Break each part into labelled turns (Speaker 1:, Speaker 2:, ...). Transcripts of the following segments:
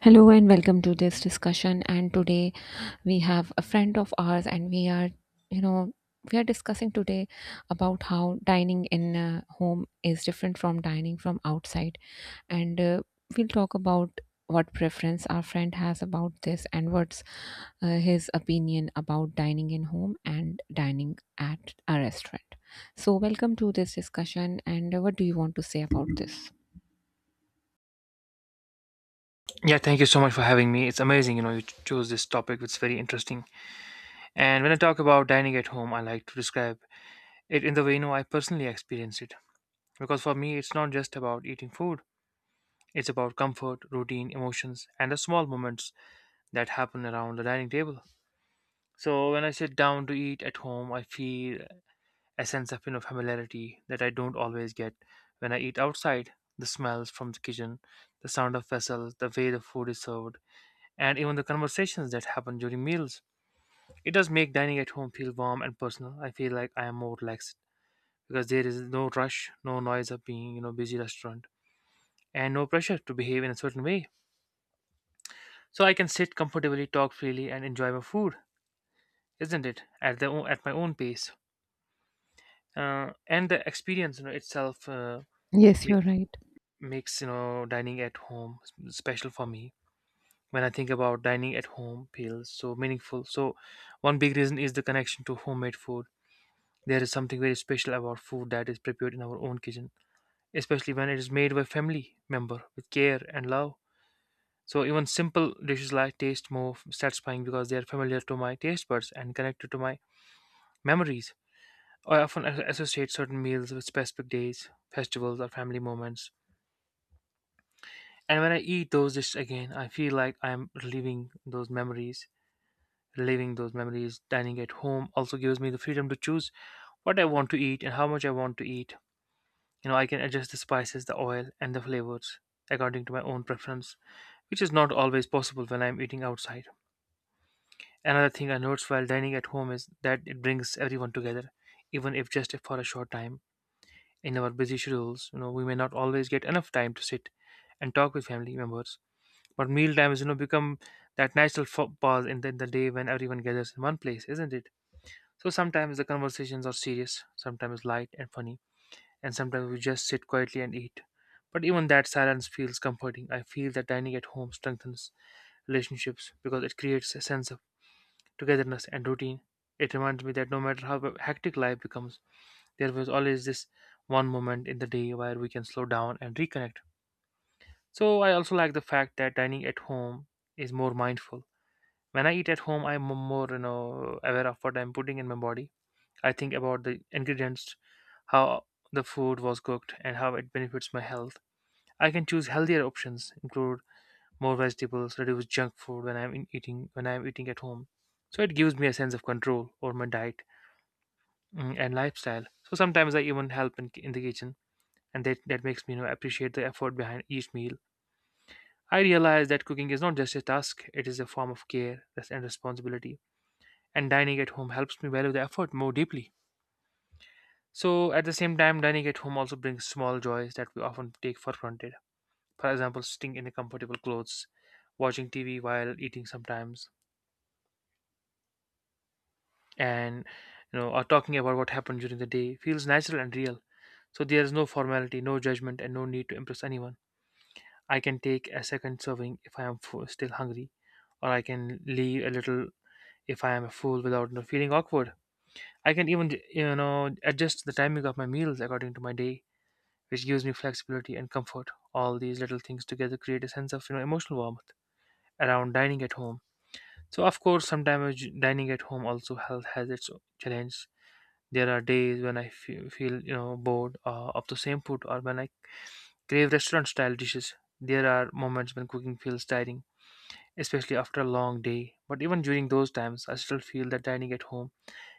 Speaker 1: Hello and welcome to this discussion. And today we have a friend of ours, and you know, we are discussing today about how dining in home is different from dining from outside. And we'll talk about what preference our friend has about this and what's his opinion about dining in home and dining at a restaurant. So, welcome to this discussion. And what do you want to say about this?
Speaker 2: Yeah, thank you so much for having me. It's amazing, you know, you chose this topic. It's very interesting. And when I talk about dining at home, I like to describe it in the way, you know, I personally experience it. Because for me, it's not just about eating food. It's about comfort, routine, emotions, and the small moments that happen around the dining table. So when I sit down to eat at home, I feel a sense of, you know, familiarity that I don't always get when I eat outside. The smells from the kitchen, the sound of vessels, the way the food is served, and even the conversations that happen during meals it does make dining at home feel warm and personal. I feel like I am more relaxed because there is no rush, no noise of being, you know, busy restaurant and no pressure to behave in a certain way. So I can sit comfortably, talk freely and enjoy my food, isn't it? At at my own pace. And the experience, you know, itself
Speaker 1: Yes,
Speaker 2: makes
Speaker 1: you're right.
Speaker 2: makes, you know, dining at home special for me. When I think about dining at home feels so meaningful. So one big reason is the connection to homemade food. There is something very special about food that is prepared in our own kitchen, especially when it is made by family member with care and love. So even simple dishes like taste more satisfying because they are familiar to my taste buds and connected to my memories. I often associate certain meals with specific days, festivals, or family moments. And when I eat those dishes again, I feel like I am reliving those memories. Reliving those memories, dining at home also gives me the freedom to choose what I want to eat and how much I want to eat. You know, I can adjust the spices, the oil, and the flavors according to my own preference, which is not always possible when I'm eating outside. Another thing I notice while dining at home is that it brings everyone together, even if just for a short time. In our busy schedules, you know, we may not always get enough time to sit and talk with family members. But meal times, you know, become that natural pause in the day when everyone gathers in one place, isn't it? So sometimes the conversations are serious, sometimes light and funny, and sometimes we just sit quietly and eat. But even that silence feels comforting. I feel that dining at home strengthens relationships because it creates a sense of togetherness and routine. It reminds me that no matter how hectic life becomes, there was always this one moment in the day where we can slow down and reconnect. So I also like the fact that dining at home is more mindful. When I eat at home, I'm more, you know, aware of what I'm putting in my body. I think about the ingredients, how the food was cooked, and how it benefits my health. I can choose healthier options, include more vegetables, reduce junk food when I'm eating at home. So it gives me a sense of control over my diet and lifestyle. So sometimes I even help in the kitchen, and that makes me, you know, appreciate the effort behind each meal. I realize that cooking is not just a task; it is a form of care and responsibility. And dining at home helps me value the effort more deeply. So at the same time, dining at home also brings small joys that we often take for granted. For example, sitting in the comfortable clothes, watching TV while eating sometimes, and, you know, or talking about what happened during the day feels natural and real. So there is no formality, no judgment, and no need to impress anyone. I can take a second serving if I am still hungry, or I can leave a little if I am a fool without, you know, feeling awkward. I can even, you know, adjust the timing of my meals according to my day, which gives me flexibility and comfort. All these little things together create a sense of, you know, emotional warmth around dining at home. So, of course, sometimes dining at home also health has its challenge. There are days when I feel, you know, bored of the same food, or when I crave restaurant-style dishes. There are moments when cooking feels tiring, especially after a long day. But even during those times, I still feel that dining at home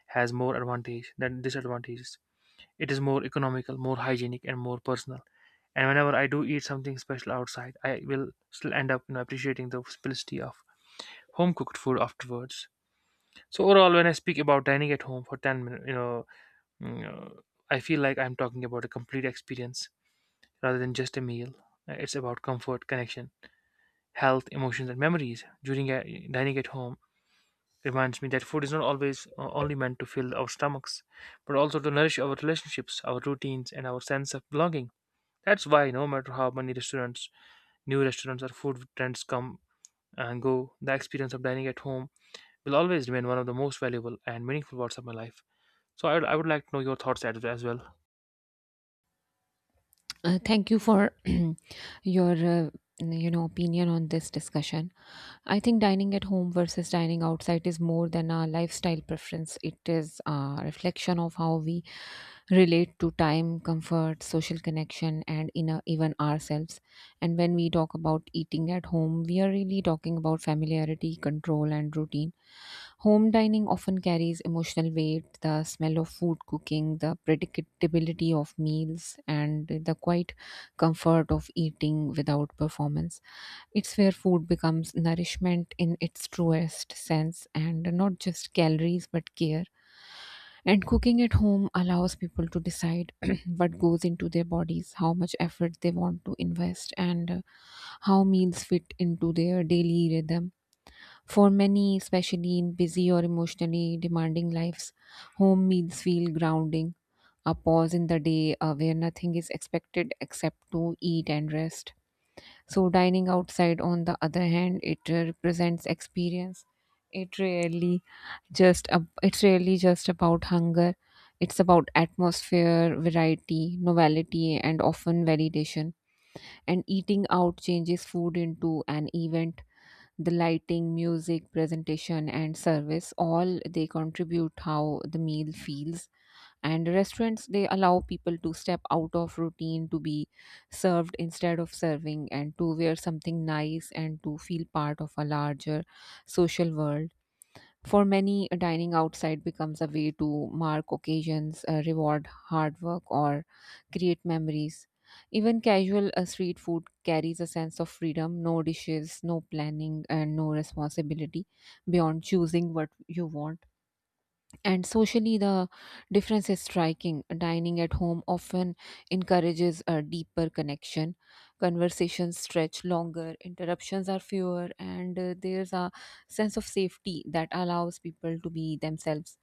Speaker 2: has more advantage than disadvantages. It is more economical, more hygienic, and more personal. And whenever I do eat something special outside, I will still end up, you know, appreciating the simplicity of home-cooked food afterwards. So overall, when I speak about dining at home for 10 minutes, you know, mm, uh, I feel like I'm talking about a complete experience rather than just a meal. It's about comfort, connection, health, emotions, and memories. Dining at home reminds me that food is not always only meant to fill our stomachs, but also to nourish our relationships, our routines, and our sense of belonging. That's why, no matter how many new restaurants, or food trends come and go, the experience of dining at home will always remain one of the most valuable and meaningful parts of my life. So I would like to know your thoughts as well.
Speaker 1: Thank you for your opinion on this discussion. I think dining at home versus dining outside is more than a lifestyle preference. It is a reflection of how we relate to time, comfort, social connection, and inner, even ourselves. And when we talk about eating at home, we are really talking about familiarity, control, and routine. Home dining often carries emotional weight, the smell of food cooking, the predictability of meals, and the quiet comfort of eating without performance. It's where food becomes nourishment in its truest sense and not just calories but care. And cooking at home allows people to decide what goes into their bodies, how much effort they want to invest, and how meals fit into their daily rhythm. For many, especially in busy or emotionally demanding lives, home meals feel grounding, a pause in the day where nothing is expected except to eat and rest. So, dining outside, on the other hand, it represents experience. It really it's really just about hunger. It's about atmosphere, variety, novelty, and often validation. And eating out changes food into an event. The lighting, music, presentation, and service, all they contribute how the meal feels. And restaurants, they allow people to step out of routine, to be served instead of serving, and to wear something nice and to feel part of a larger social world. For many, dining outside becomes a way to mark occasions, reward hard work, or create memories. Even casual street food carries a sense of freedom, no dishes, no planning, and no responsibility beyond choosing what you want. And socially, the difference is striking. Dining at home often encourages a deeper connection. Conversations stretch longer, interruptions are fewer, and there's a sense of safety that allows people to be themselves.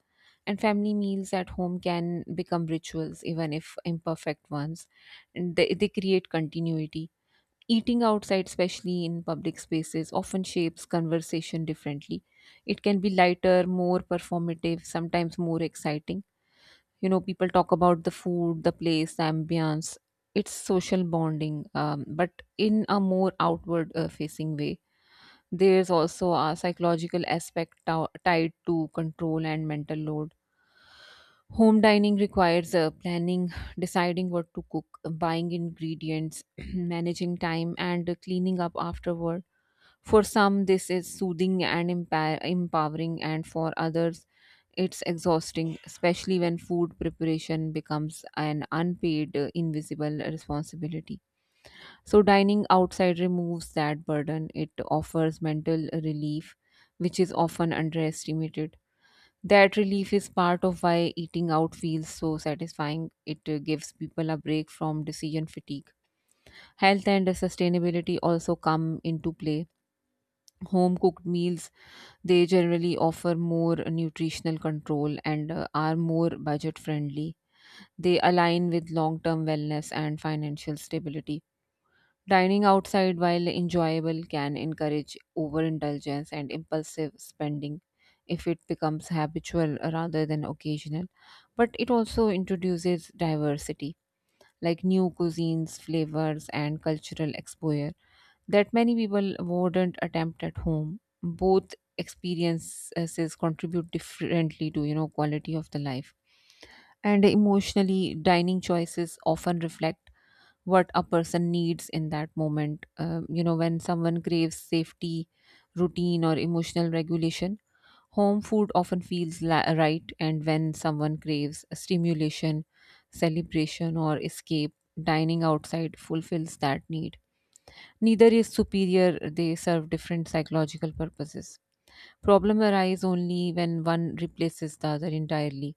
Speaker 1: And family meals at home can become rituals, even if imperfect ones. And they create continuity. Eating outside, especially in public spaces, often shapes conversation differently. It can be lighter, more performative, sometimes more exciting. You know, people talk about the food, the place, the ambience. It's social bonding, but in a more outward facing way. There's also a psychological aspect tied to control and mental load. Home dining requires planning, deciding what to cook, buying ingredients, managing time, and cleaning up afterward. For some, this is soothing and empowering, and for others, it's exhausting, especially when food preparation becomes an unpaid, invisible responsibility. So, dining outside removes that burden. It offers mental relief, which is often underestimated. That relief is part of why eating out feels so satisfying. It gives people a break from decision fatigue. Health and sustainability also come into play. Home cooked meals, they generally offer more nutritional control and are more budget friendly. They align with long term wellness and financial stability. Dining outside, while enjoyable, can encourage overindulgence and impulsive spending if it becomes habitual rather than occasional. But it also introduces diversity, like new cuisines, flavors, and cultural exposure that many people wouldn't attempt at home. Both experiences contribute differently to, you know, quality of the life. And emotionally, dining choices often reflect what a person needs in that moment. You know, when someone craves safety, routine, or emotional regulation, home food often feels right. And when someone craves stimulation, celebration, or escape, dining outside fulfills that need. Neither is superior, they serve different psychological purposes. Problem arise only when one replaces the other entirely,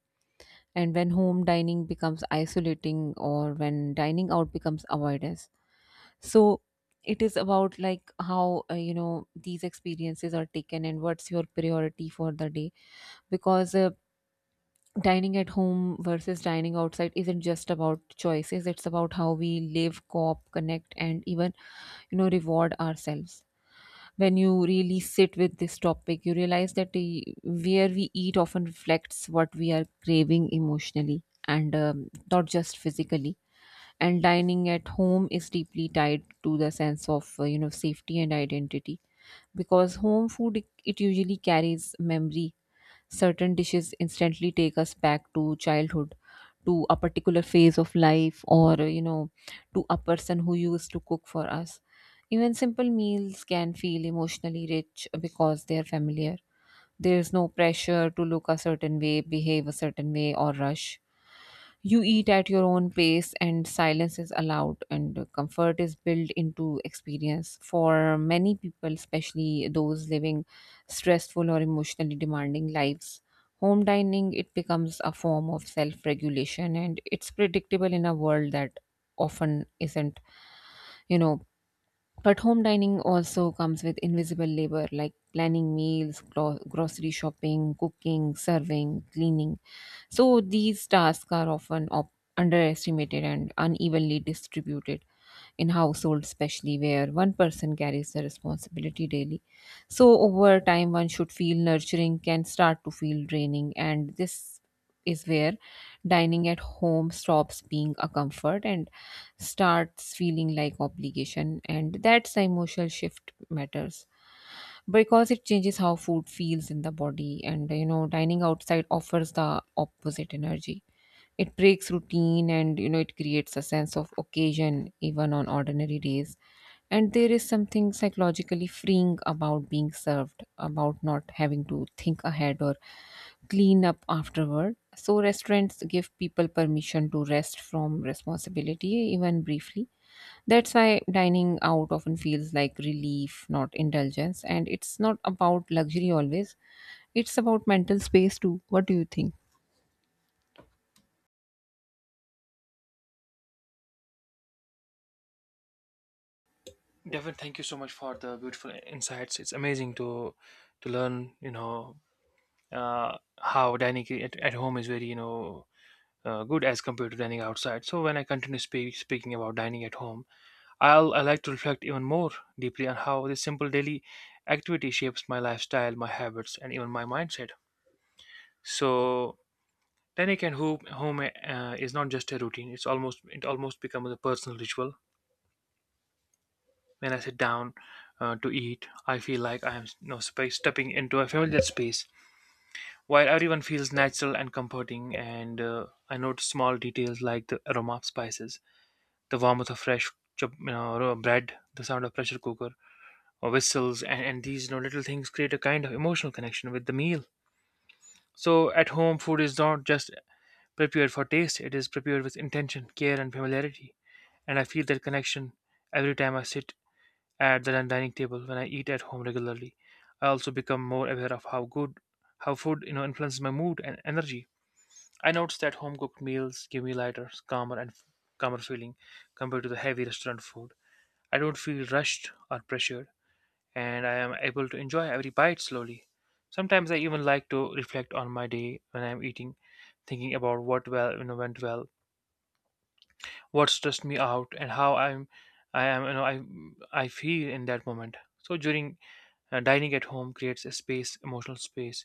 Speaker 1: and when home dining becomes isolating, or when dining out becomes avoidance. So it is about like how you know, these experiences are taken and what's your priority for the day, because dining at home versus dining outside isn't just about choices, it's about how we live, cope, connect, and even, you know, reward ourselves. When you really sit with this topic, you realize that where we eat often reflects what we are craving emotionally and, not just physically. And dining at home is deeply tied to the sense of you know, safety and identity, because home food, it usually carries memory. Certain dishes instantly take us back to childhood, to a particular phase of life, or, you know, to a person who used to cook for us. Even simple meals can feel emotionally rich because they are familiar. There is no pressure to look a certain way, behave a certain way, or rush. You eat at your own pace, and silence is allowed, and comfort is built into experience. For many people, especially those living stressful or emotionally demanding lives, home dining, it becomes a form of self-regulation, and it's predictable in a world that often isn't, you know. But home dining also comes with invisible labor like planning meals, grocery shopping, cooking, serving, cleaning. So these tasks are often underestimated and unevenly distributed in households, especially where one person carries the responsibility daily. So over time, one should feel nurturing can start to feel draining, and this is where dining at home stops being a comfort and starts feeling like obligation, and that's the emotional shift matters, because it changes how food feels in the body. And you know, dining outside offers the opposite energy. It breaks routine, and you know, it creates a sense of occasion even on ordinary days. And there is something psychologically freeing about being served, about not having to think ahead or clean up afterward. So, restaurants give people permission to rest from responsibility, even briefly. That's why dining out often feels like relief, not indulgence. And it's not about luxury always, it's about mental space too. What do you think?
Speaker 2: Devin, thank you so much for the beautiful insights. It's amazing to learn, you know, how dining at home is very, you know, good as compared to dining outside. So when I continue speaking about dining at home, I like to reflect even more deeply on how this simple daily activity shapes my lifestyle, my habits, and even my mindset. So dining at home, is not just a routine; it almost becomes a personal ritual. When I sit down to eat, I feel like I am no space stepping into a familiar space. While everyone feels natural and comforting, and I notice small details like the aroma of spices, the warmth of fresh chop, you know, raw bread, the sound of pressure cooker or whistles, and these, you know, little things create a kind of emotional connection with the meal. So at home, food is not just prepared for taste; it is prepared with intention, care, and familiarity. And I feel that connection every time I sit at the dining table when I eat at home regularly. I also become more aware of how food, you know, influences my mood and energy. I noticed that home cooked meals give me lighter, calmer, and calmer feeling compared to the heavy restaurant food. I don't feel rushed or pressured, and I am able to enjoy every bite slowly. Sometimes I even like to reflect on my day when I'm eating, thinking about what well you know went well, what stressed me out, and how I'm I am you know I feel in that moment. So during dining at home creates a space, emotional space,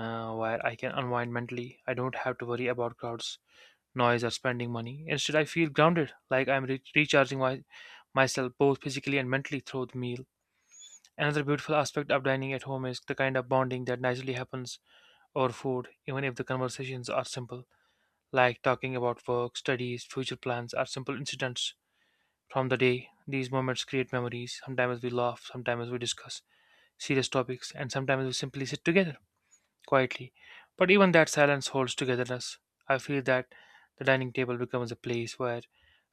Speaker 2: where I can unwind mentally. I don't have to worry about crowds, noise, or spending money. Instead, I feel grounded, like I'm recharging myself both physically and mentally through the meal. Another beautiful aspect of dining at home is the kind of bonding that naturally happens over food, even if the conversations are simple, like talking about work, studies, future plans, or simple incidents from the day. These moments create memories. Sometimes we laugh, sometimes we discuss serious topics, and sometimes we simply sit together quietly. But even that silence holds togetherness. I feel that the dining table becomes a place where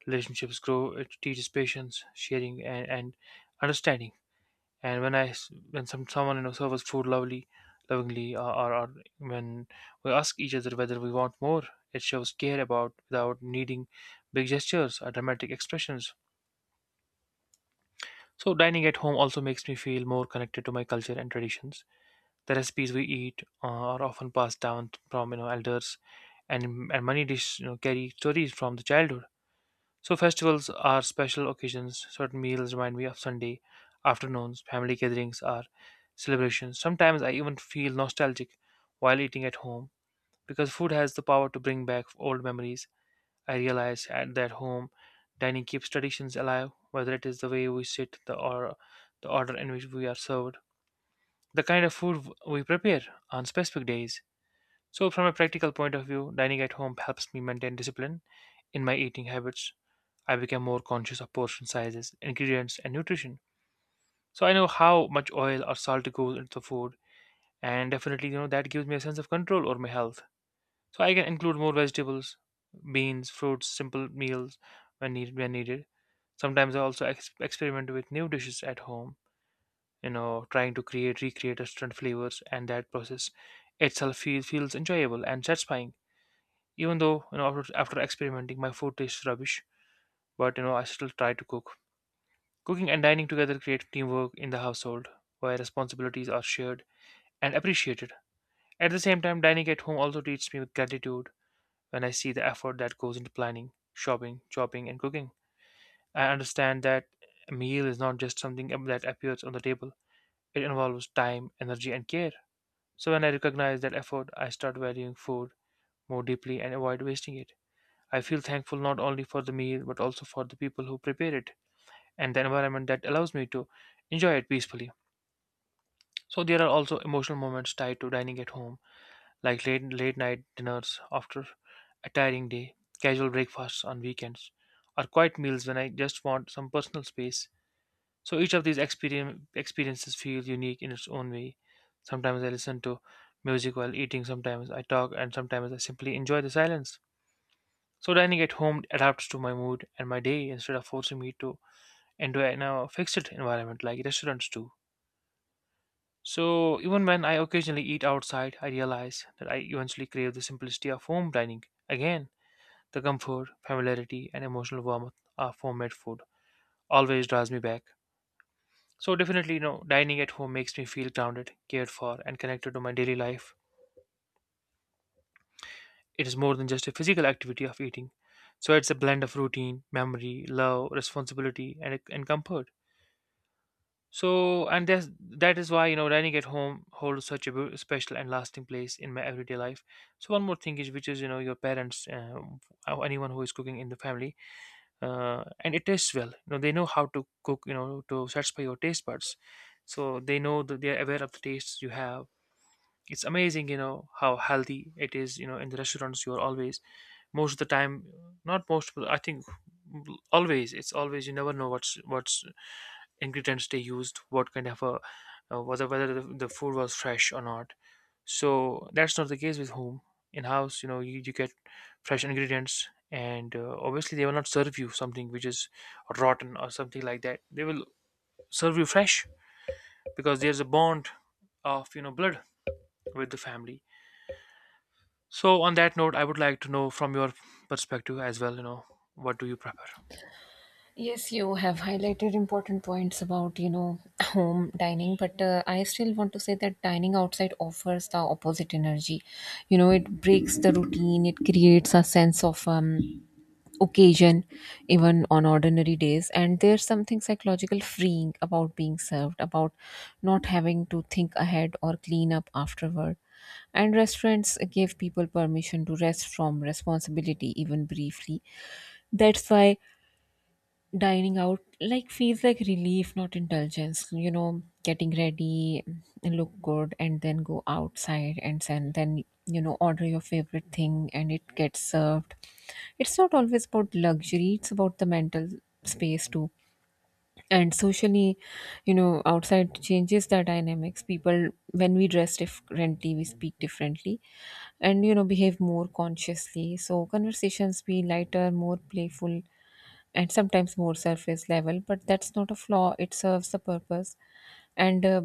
Speaker 2: relationships grow. It teaches patience, sharing, and understanding. And when I s- when some someone, you know, serves food lovingly, or when we ask each other whether we want more, it shows care about without needing big gestures or dramatic expressions. So dining at home also makes me feel more connected to my culture and traditions. The recipes we eat are often passed down from, you know, elders, and many dishes, you know, carry stories from the childhood. So festivals are special occasions. Certain meals remind me of Sunday afternoons. Family gatherings are celebrations. Sometimes I even feel nostalgic while eating at home because food has the power to bring back old memories. I realize at that home dining keeps traditions alive, whether it is the way we sit, the or the order in which we are served, the kind of food we prepare on specific days. So, from a practical point of view, dining at home helps me maintain discipline in my eating habits. I become more conscious of portion sizes, ingredients, and nutrition. So, I know how much oil or salt goes into the food, and definitely, you know, that gives me a sense of control over my health. So, I can include more vegetables, beans, fruits, simple meals when needed. When needed. Sometimes I also experiment with new dishes at home, you know, trying to create recreate different flavors, and that process itself feels enjoyable and satisfying, even though, you know, after experimenting my food tastes rubbish. But, you know, I still try to cook. Cooking and dining together create teamwork in the household, where responsibilities are shared and appreciated. At the same time, dining at home also teaches me with gratitude. When I see the effort that goes into planning, shopping, chopping, and cooking, I understand that a meal is not just something that appears on the table. It involves time, energy, and care. So when I recognize that effort, I start valuing food more deeply and avoid wasting it. I feel thankful not only for the meal but also for the people who prepare it and the environment that allows me to enjoy it peacefully. So there are also emotional moments tied to dining at home, like late night dinners after a tiring day, casual breakfasts on weekends, or quiet meals when I just want some personal space. So each of these experiences feel unique in its own way. Sometimes I listen to music while eating, sometimes I talk, and sometimes I simply enjoy the silence. So dining at home adapts to my mood and my day instead of forcing me to into a now fixed environment like restaurants do. So even when I occasionally eat outside, I realize that I eventually crave the simplicity of home dining. Again, the comfort, familiarity, and emotional warmth of homemade food always draws me back. So definitely, you know, dining at home makes me feel grounded, cared for, and connected to my daily life. It is more than just a physical activity of eating. So it's a blend of routine, memory, love, responsibility, and comfort. So and that is why, you know, dining at home holds such a special and lasting place in my everyday life. So one more thing is, which is, you know, your parents, or anyone who is cooking in the family, and it tastes well. You know they know how to cook, you know, to satisfy your taste buds, so they know that they are aware of the tastes you have. It's amazing, you know, how healthy it is. You know, in the restaurants, you're always, most of the time, not most, but I think always, it's always, you never know what's ingredients they used, what kind of a, whether the food was fresh or not. So that's not the case with home. In house, you know, you get fresh ingredients, and obviously they will not serve you something which is rotten or something like that. They will serve you fresh, because there's a bond of, you know, blood with the family. So on that note, I would like to know from your perspective as well, you know, what do you prefer?
Speaker 1: Yes, you have highlighted important points about, you know, home dining, but I still want to say that dining outside offers the opposite energy. You know, it breaks the routine, it creates a sense of occasion, even on ordinary days. And there's something psychological freeing about being served, about not having to think ahead or clean up afterward. And restaurants give people permission to rest from responsibility, even briefly. That's why dining out like feels like relief, not indulgence. You know, getting ready, look good and then go outside, and then, you know, order your favorite thing and it gets served. It's not always about luxury, it's about the mental space too. And socially, you know, outside changes the dynamics. People, when we dress differently, we speak differently and, you know, behave more consciously, so conversations be lighter, more playful, and sometimes more surface level, but that's not a flaw, it serves the purpose. And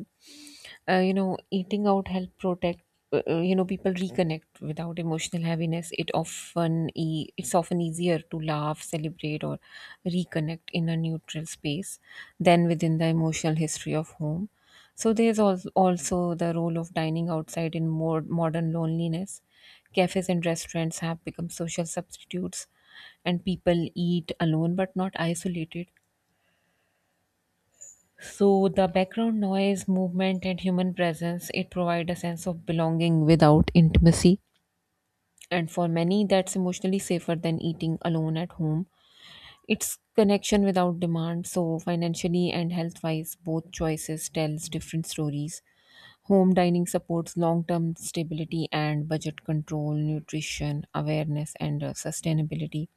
Speaker 1: You know, eating out help protect, you know, people reconnect without emotional heaviness. It's often easier to laugh, celebrate, or reconnect in a neutral space than within the emotional history of home. So there's also the role of dining outside in more modern loneliness. Cafes and restaurants have become social substitutes, and people eat alone but not isolated. So the background noise, movement, and human presence, it provide a sense of belonging without intimacy. And for many, that's emotionally safer than eating alone at home. It's connection without demand. So financially and health-wise, both choices tells different stories. Home dining supports long-term stability and budget control, nutrition, awareness, and sustainability.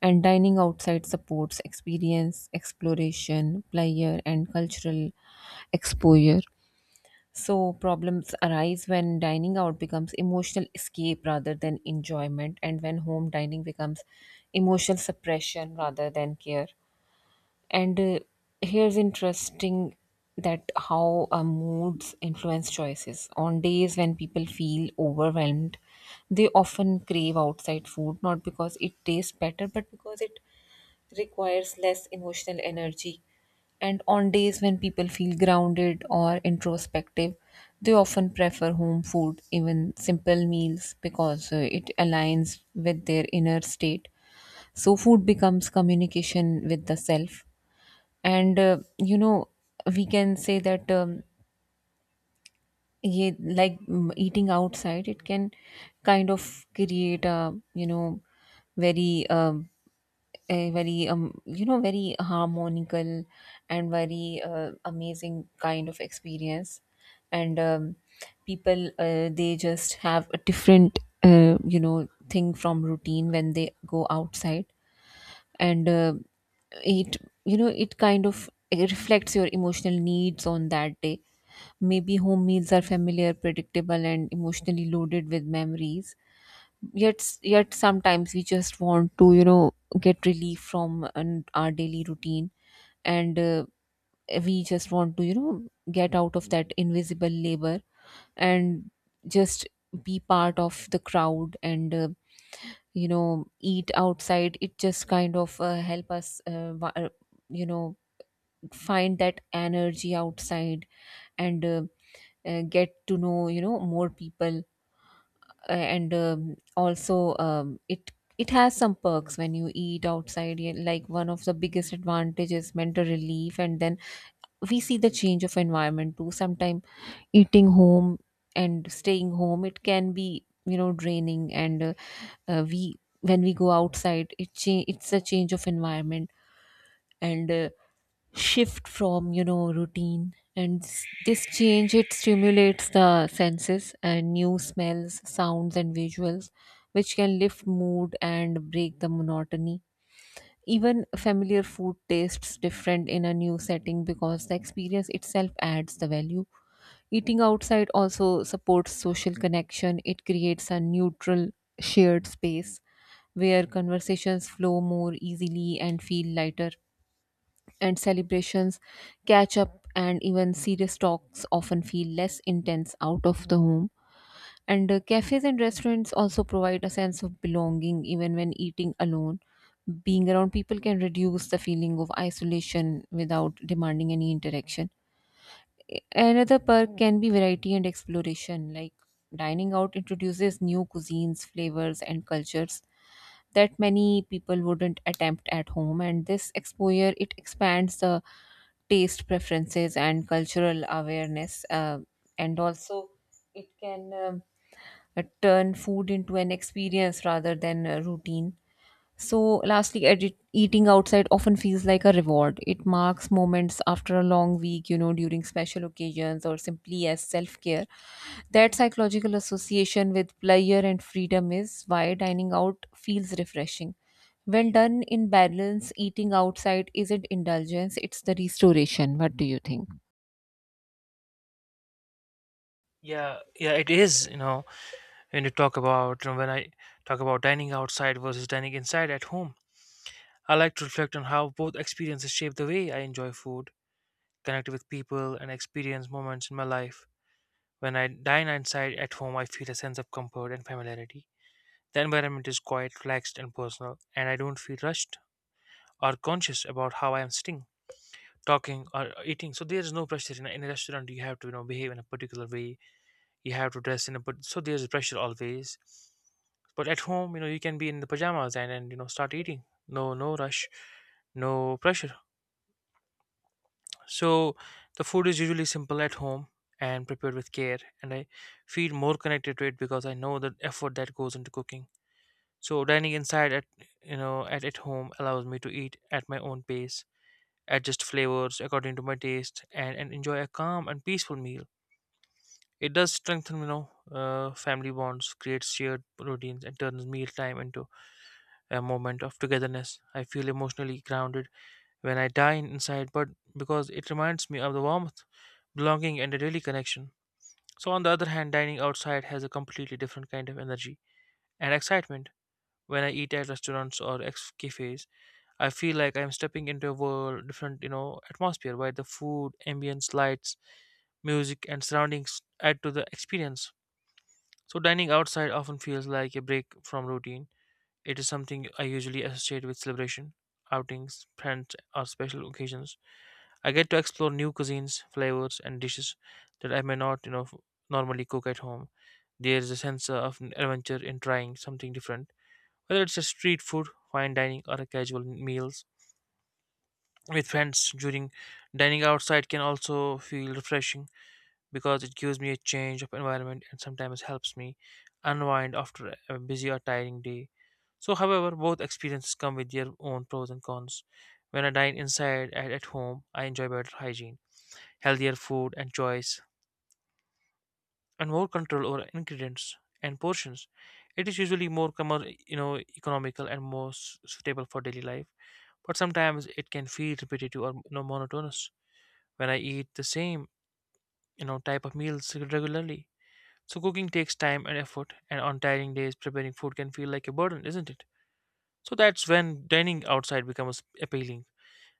Speaker 1: And dining outside supports experience, exploration, pleasure, and cultural exposure. So, problems arise when dining out becomes emotional escape rather than enjoyment, and when home dining becomes emotional suppression rather than care. And Here's interesting that how moods influence choices. On days when people feel overwhelmed, they often crave outside food, not because it tastes better but because it requires less emotional energy. And on days when people feel grounded or introspective, they often prefer home food, even simple meals, because it aligns with their inner state. So, food becomes communication with the self. And, you know, we can say that. Eating outside, it can kind of create a very a very very harmonical and very amazing kind of experience and people they just have a different thing from routine when they go outside and it you know it kind of it reflects your emotional needs on that day. Maybe home meals are familiar, predictable, and emotionally loaded with memories, yet sometimes we just want to get relief from our daily routine, and we just want to get out of that invisible labor and just be part of the crowd. And you know Eat outside, it just kind of help us you know find that energy outside, and get to know, more people. And also it It has some perks when you eat outside, yeah, like one of the biggest advantages, mental relief. And then we see the change of environment too. Sometimes eating home and staying home, it can be, you know, draining, and we when we go outside, it it's a change of environment and shift from, you know, routine. And this change, it stimulates the senses and new smells, sounds, and visuals, which can lift mood and break the monotony. Even familiar food tastes different in a new setting because the experience itself adds the value. Eating outside also supports social connection. It creates a neutral, shared space where conversations flow more easily and feel lighter. And celebrations, catch up, and even serious talks often feel less intense out of the home. And Cafes and restaurants also provide a sense of belonging even when eating alone. Being around people can reduce the feeling of isolation without demanding any interaction. Another perk can be variety and exploration. Like, dining out introduces new cuisines, flavors, and cultures that many people wouldn't attempt at home. And this exposure, it expands the taste preferences and cultural awareness. And also, it can, turn food into an experience rather than a routine. So, lastly, edit, eating outside often feels like a reward. It marks moments after a long week, you know, during special occasions or simply as self care. That psychological association with pleasure and freedom is why dining out feels refreshing. When done in balance, eating outside isn't indulgence, it's the restoration. What do you think?
Speaker 2: Yeah, yeah, it is. You know, when you talk about, you know, when I talk about dining outside versus dining inside at home, I like to reflect on how both experiences shape the way I enjoy food, connect with people, and experience moments in my life. When I dine outside at home, I feel a sense of comfort and familiarity. The environment is quiet, relaxed, and personal, and I don't feel rushed or conscious about how I am sitting, talking, or eating. So there's no pressure. In a, in a restaurant you have to, you know, behave in a particular way, you have to dress in a, but so there's pressure always. But at home, you know, you can be in the pajamas and you know, start eating. No, no rush, no pressure. So the food is usually simple at home and prepared with care, and I feel more connected to it because I know the effort that goes into cooking. So dining inside at, you know, at home allows me to eat at my own pace, adjust flavors according to my taste, and enjoy a calm and peaceful meal. It does strengthen, you know, family bonds, creates shared routines, and turns mealtime into a moment of togetherness. I feel emotionally grounded when I dine inside, but because it reminds me of the warmth, belonging, and a daily connection. So, on the other hand, dining outside has a completely different kind of energy and excitement. When I eat at restaurants or ex cafes, I feel like I'm stepping into a world different, you know, atmosphere where the food, ambience, lights, music, and surroundings add to the experience. So, dining outside often feels like a break from routine. It is something I usually associate with celebration, outings, friends, or special occasions. I get to explore new cuisines, flavors, and dishes that I may not, you know, normally cook at home. There is a sense of an adventure in trying something different, whether it's a street food, fine dining, or a casual meals with friends during. Dining outside can also feel refreshing because it gives me a change of environment and sometimes helps me unwind after a busy or tiring day. So, however, both experiences come with their own pros and cons. When I dine inside and at home, I enjoy better hygiene, healthier food and choice, and more control over ingredients and portions. It is usually more you know, economical and more suitable for daily life, but sometimes it can feel repetitive or, you know, monotonous when I eat the same, you know, type of meals regularly. So cooking takes time and effort, and on tiring days, preparing food can feel like a burden, isn't it? So that's when dining outside becomes appealing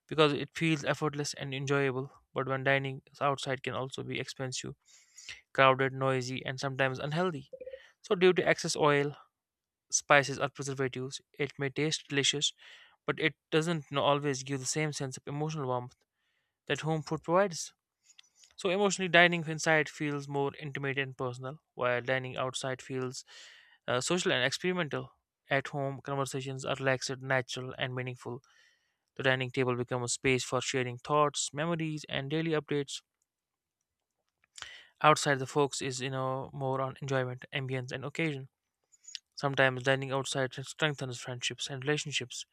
Speaker 2: because it feels effortless and enjoyable. But when dining outside can also be expensive, crowded, noisy, and sometimes unhealthy. So due to excess oil, spices, or preservatives, it may taste delicious, but it doesn't you always give the same sense of emotional warmth that home food provides. So emotionally, dining inside feels more intimate and personal, while dining outside feels, social and experimental. At home, conversations are relaxed, natural, and meaningful. The dining table becomes a space for sharing thoughts, memories, and daily updates. Outside, the focus is, you know, more on enjoyment, ambience, and occasion. Sometimes dining outside strengthens friendships and relationships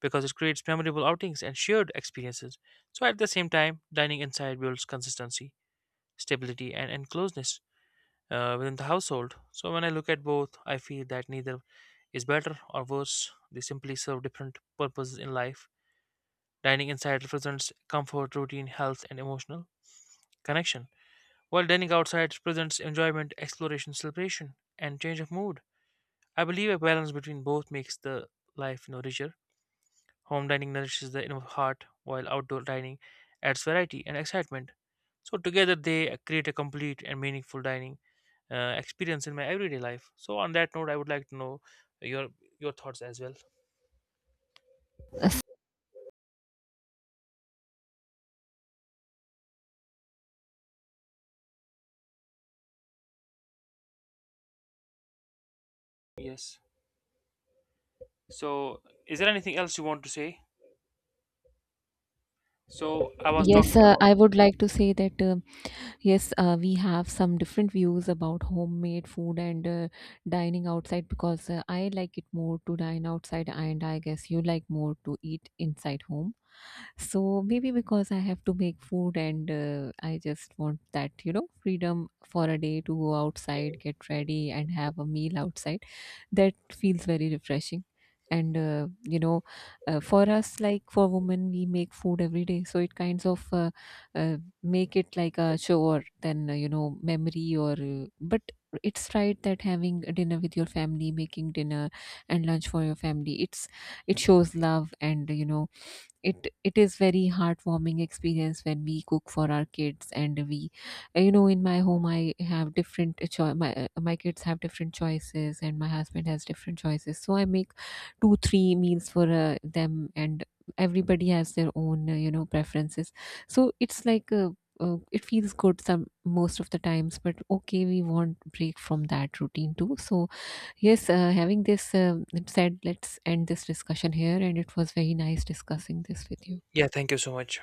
Speaker 2: because it creates memorable outings and shared experiences. So at the same time, dining inside builds consistency, stability, and closeness within the household. So when I look at both, I feel that neither is better or worse. They simply serve different purposes in life. Dining inside represents comfort, routine, health, and emotional connection, while dining outside represents enjoyment, exploration, celebration, and change of mood. I believe a balance between both makes the life, you know, richer. Home dining nourishes the inner heart, while outdoor dining adds variety and excitement. So together they create a complete and meaningful dining, experience in my everyday life. So on that note, I would like to know your thoughts as well. Yes. So is there anything else you want to say? So I was
Speaker 1: Yes,
Speaker 2: talking about.
Speaker 1: I would like to say that, yes, we have some different views about homemade food and, dining outside, because I like it more to dine outside, and I guess you like more to eat inside home. So maybe because I have to make food and, I just want that, you know, freedom for a day to go outside, get ready, and have a meal outside. That feels very refreshing. And, uh, you know, for us, like for women, we make food every day, so it kinds of, uh, make it like a chore than, memory or but it's right that having a dinner with your family, making dinner and lunch for your family, it's it shows love. And, you know, it is very heartwarming experience when we cook for our kids. And we, you know, in my home, I have different my kids have different choices, and my husband has different choices, so I make two three meals for them, and everybody has their own, preferences. So it's like, it feels good some most of the times, but okay, we want break from that routine too. So yes, having this said, let's end this discussion here, and it was very nice discussing this with you.
Speaker 2: Yeah. Thank you so much.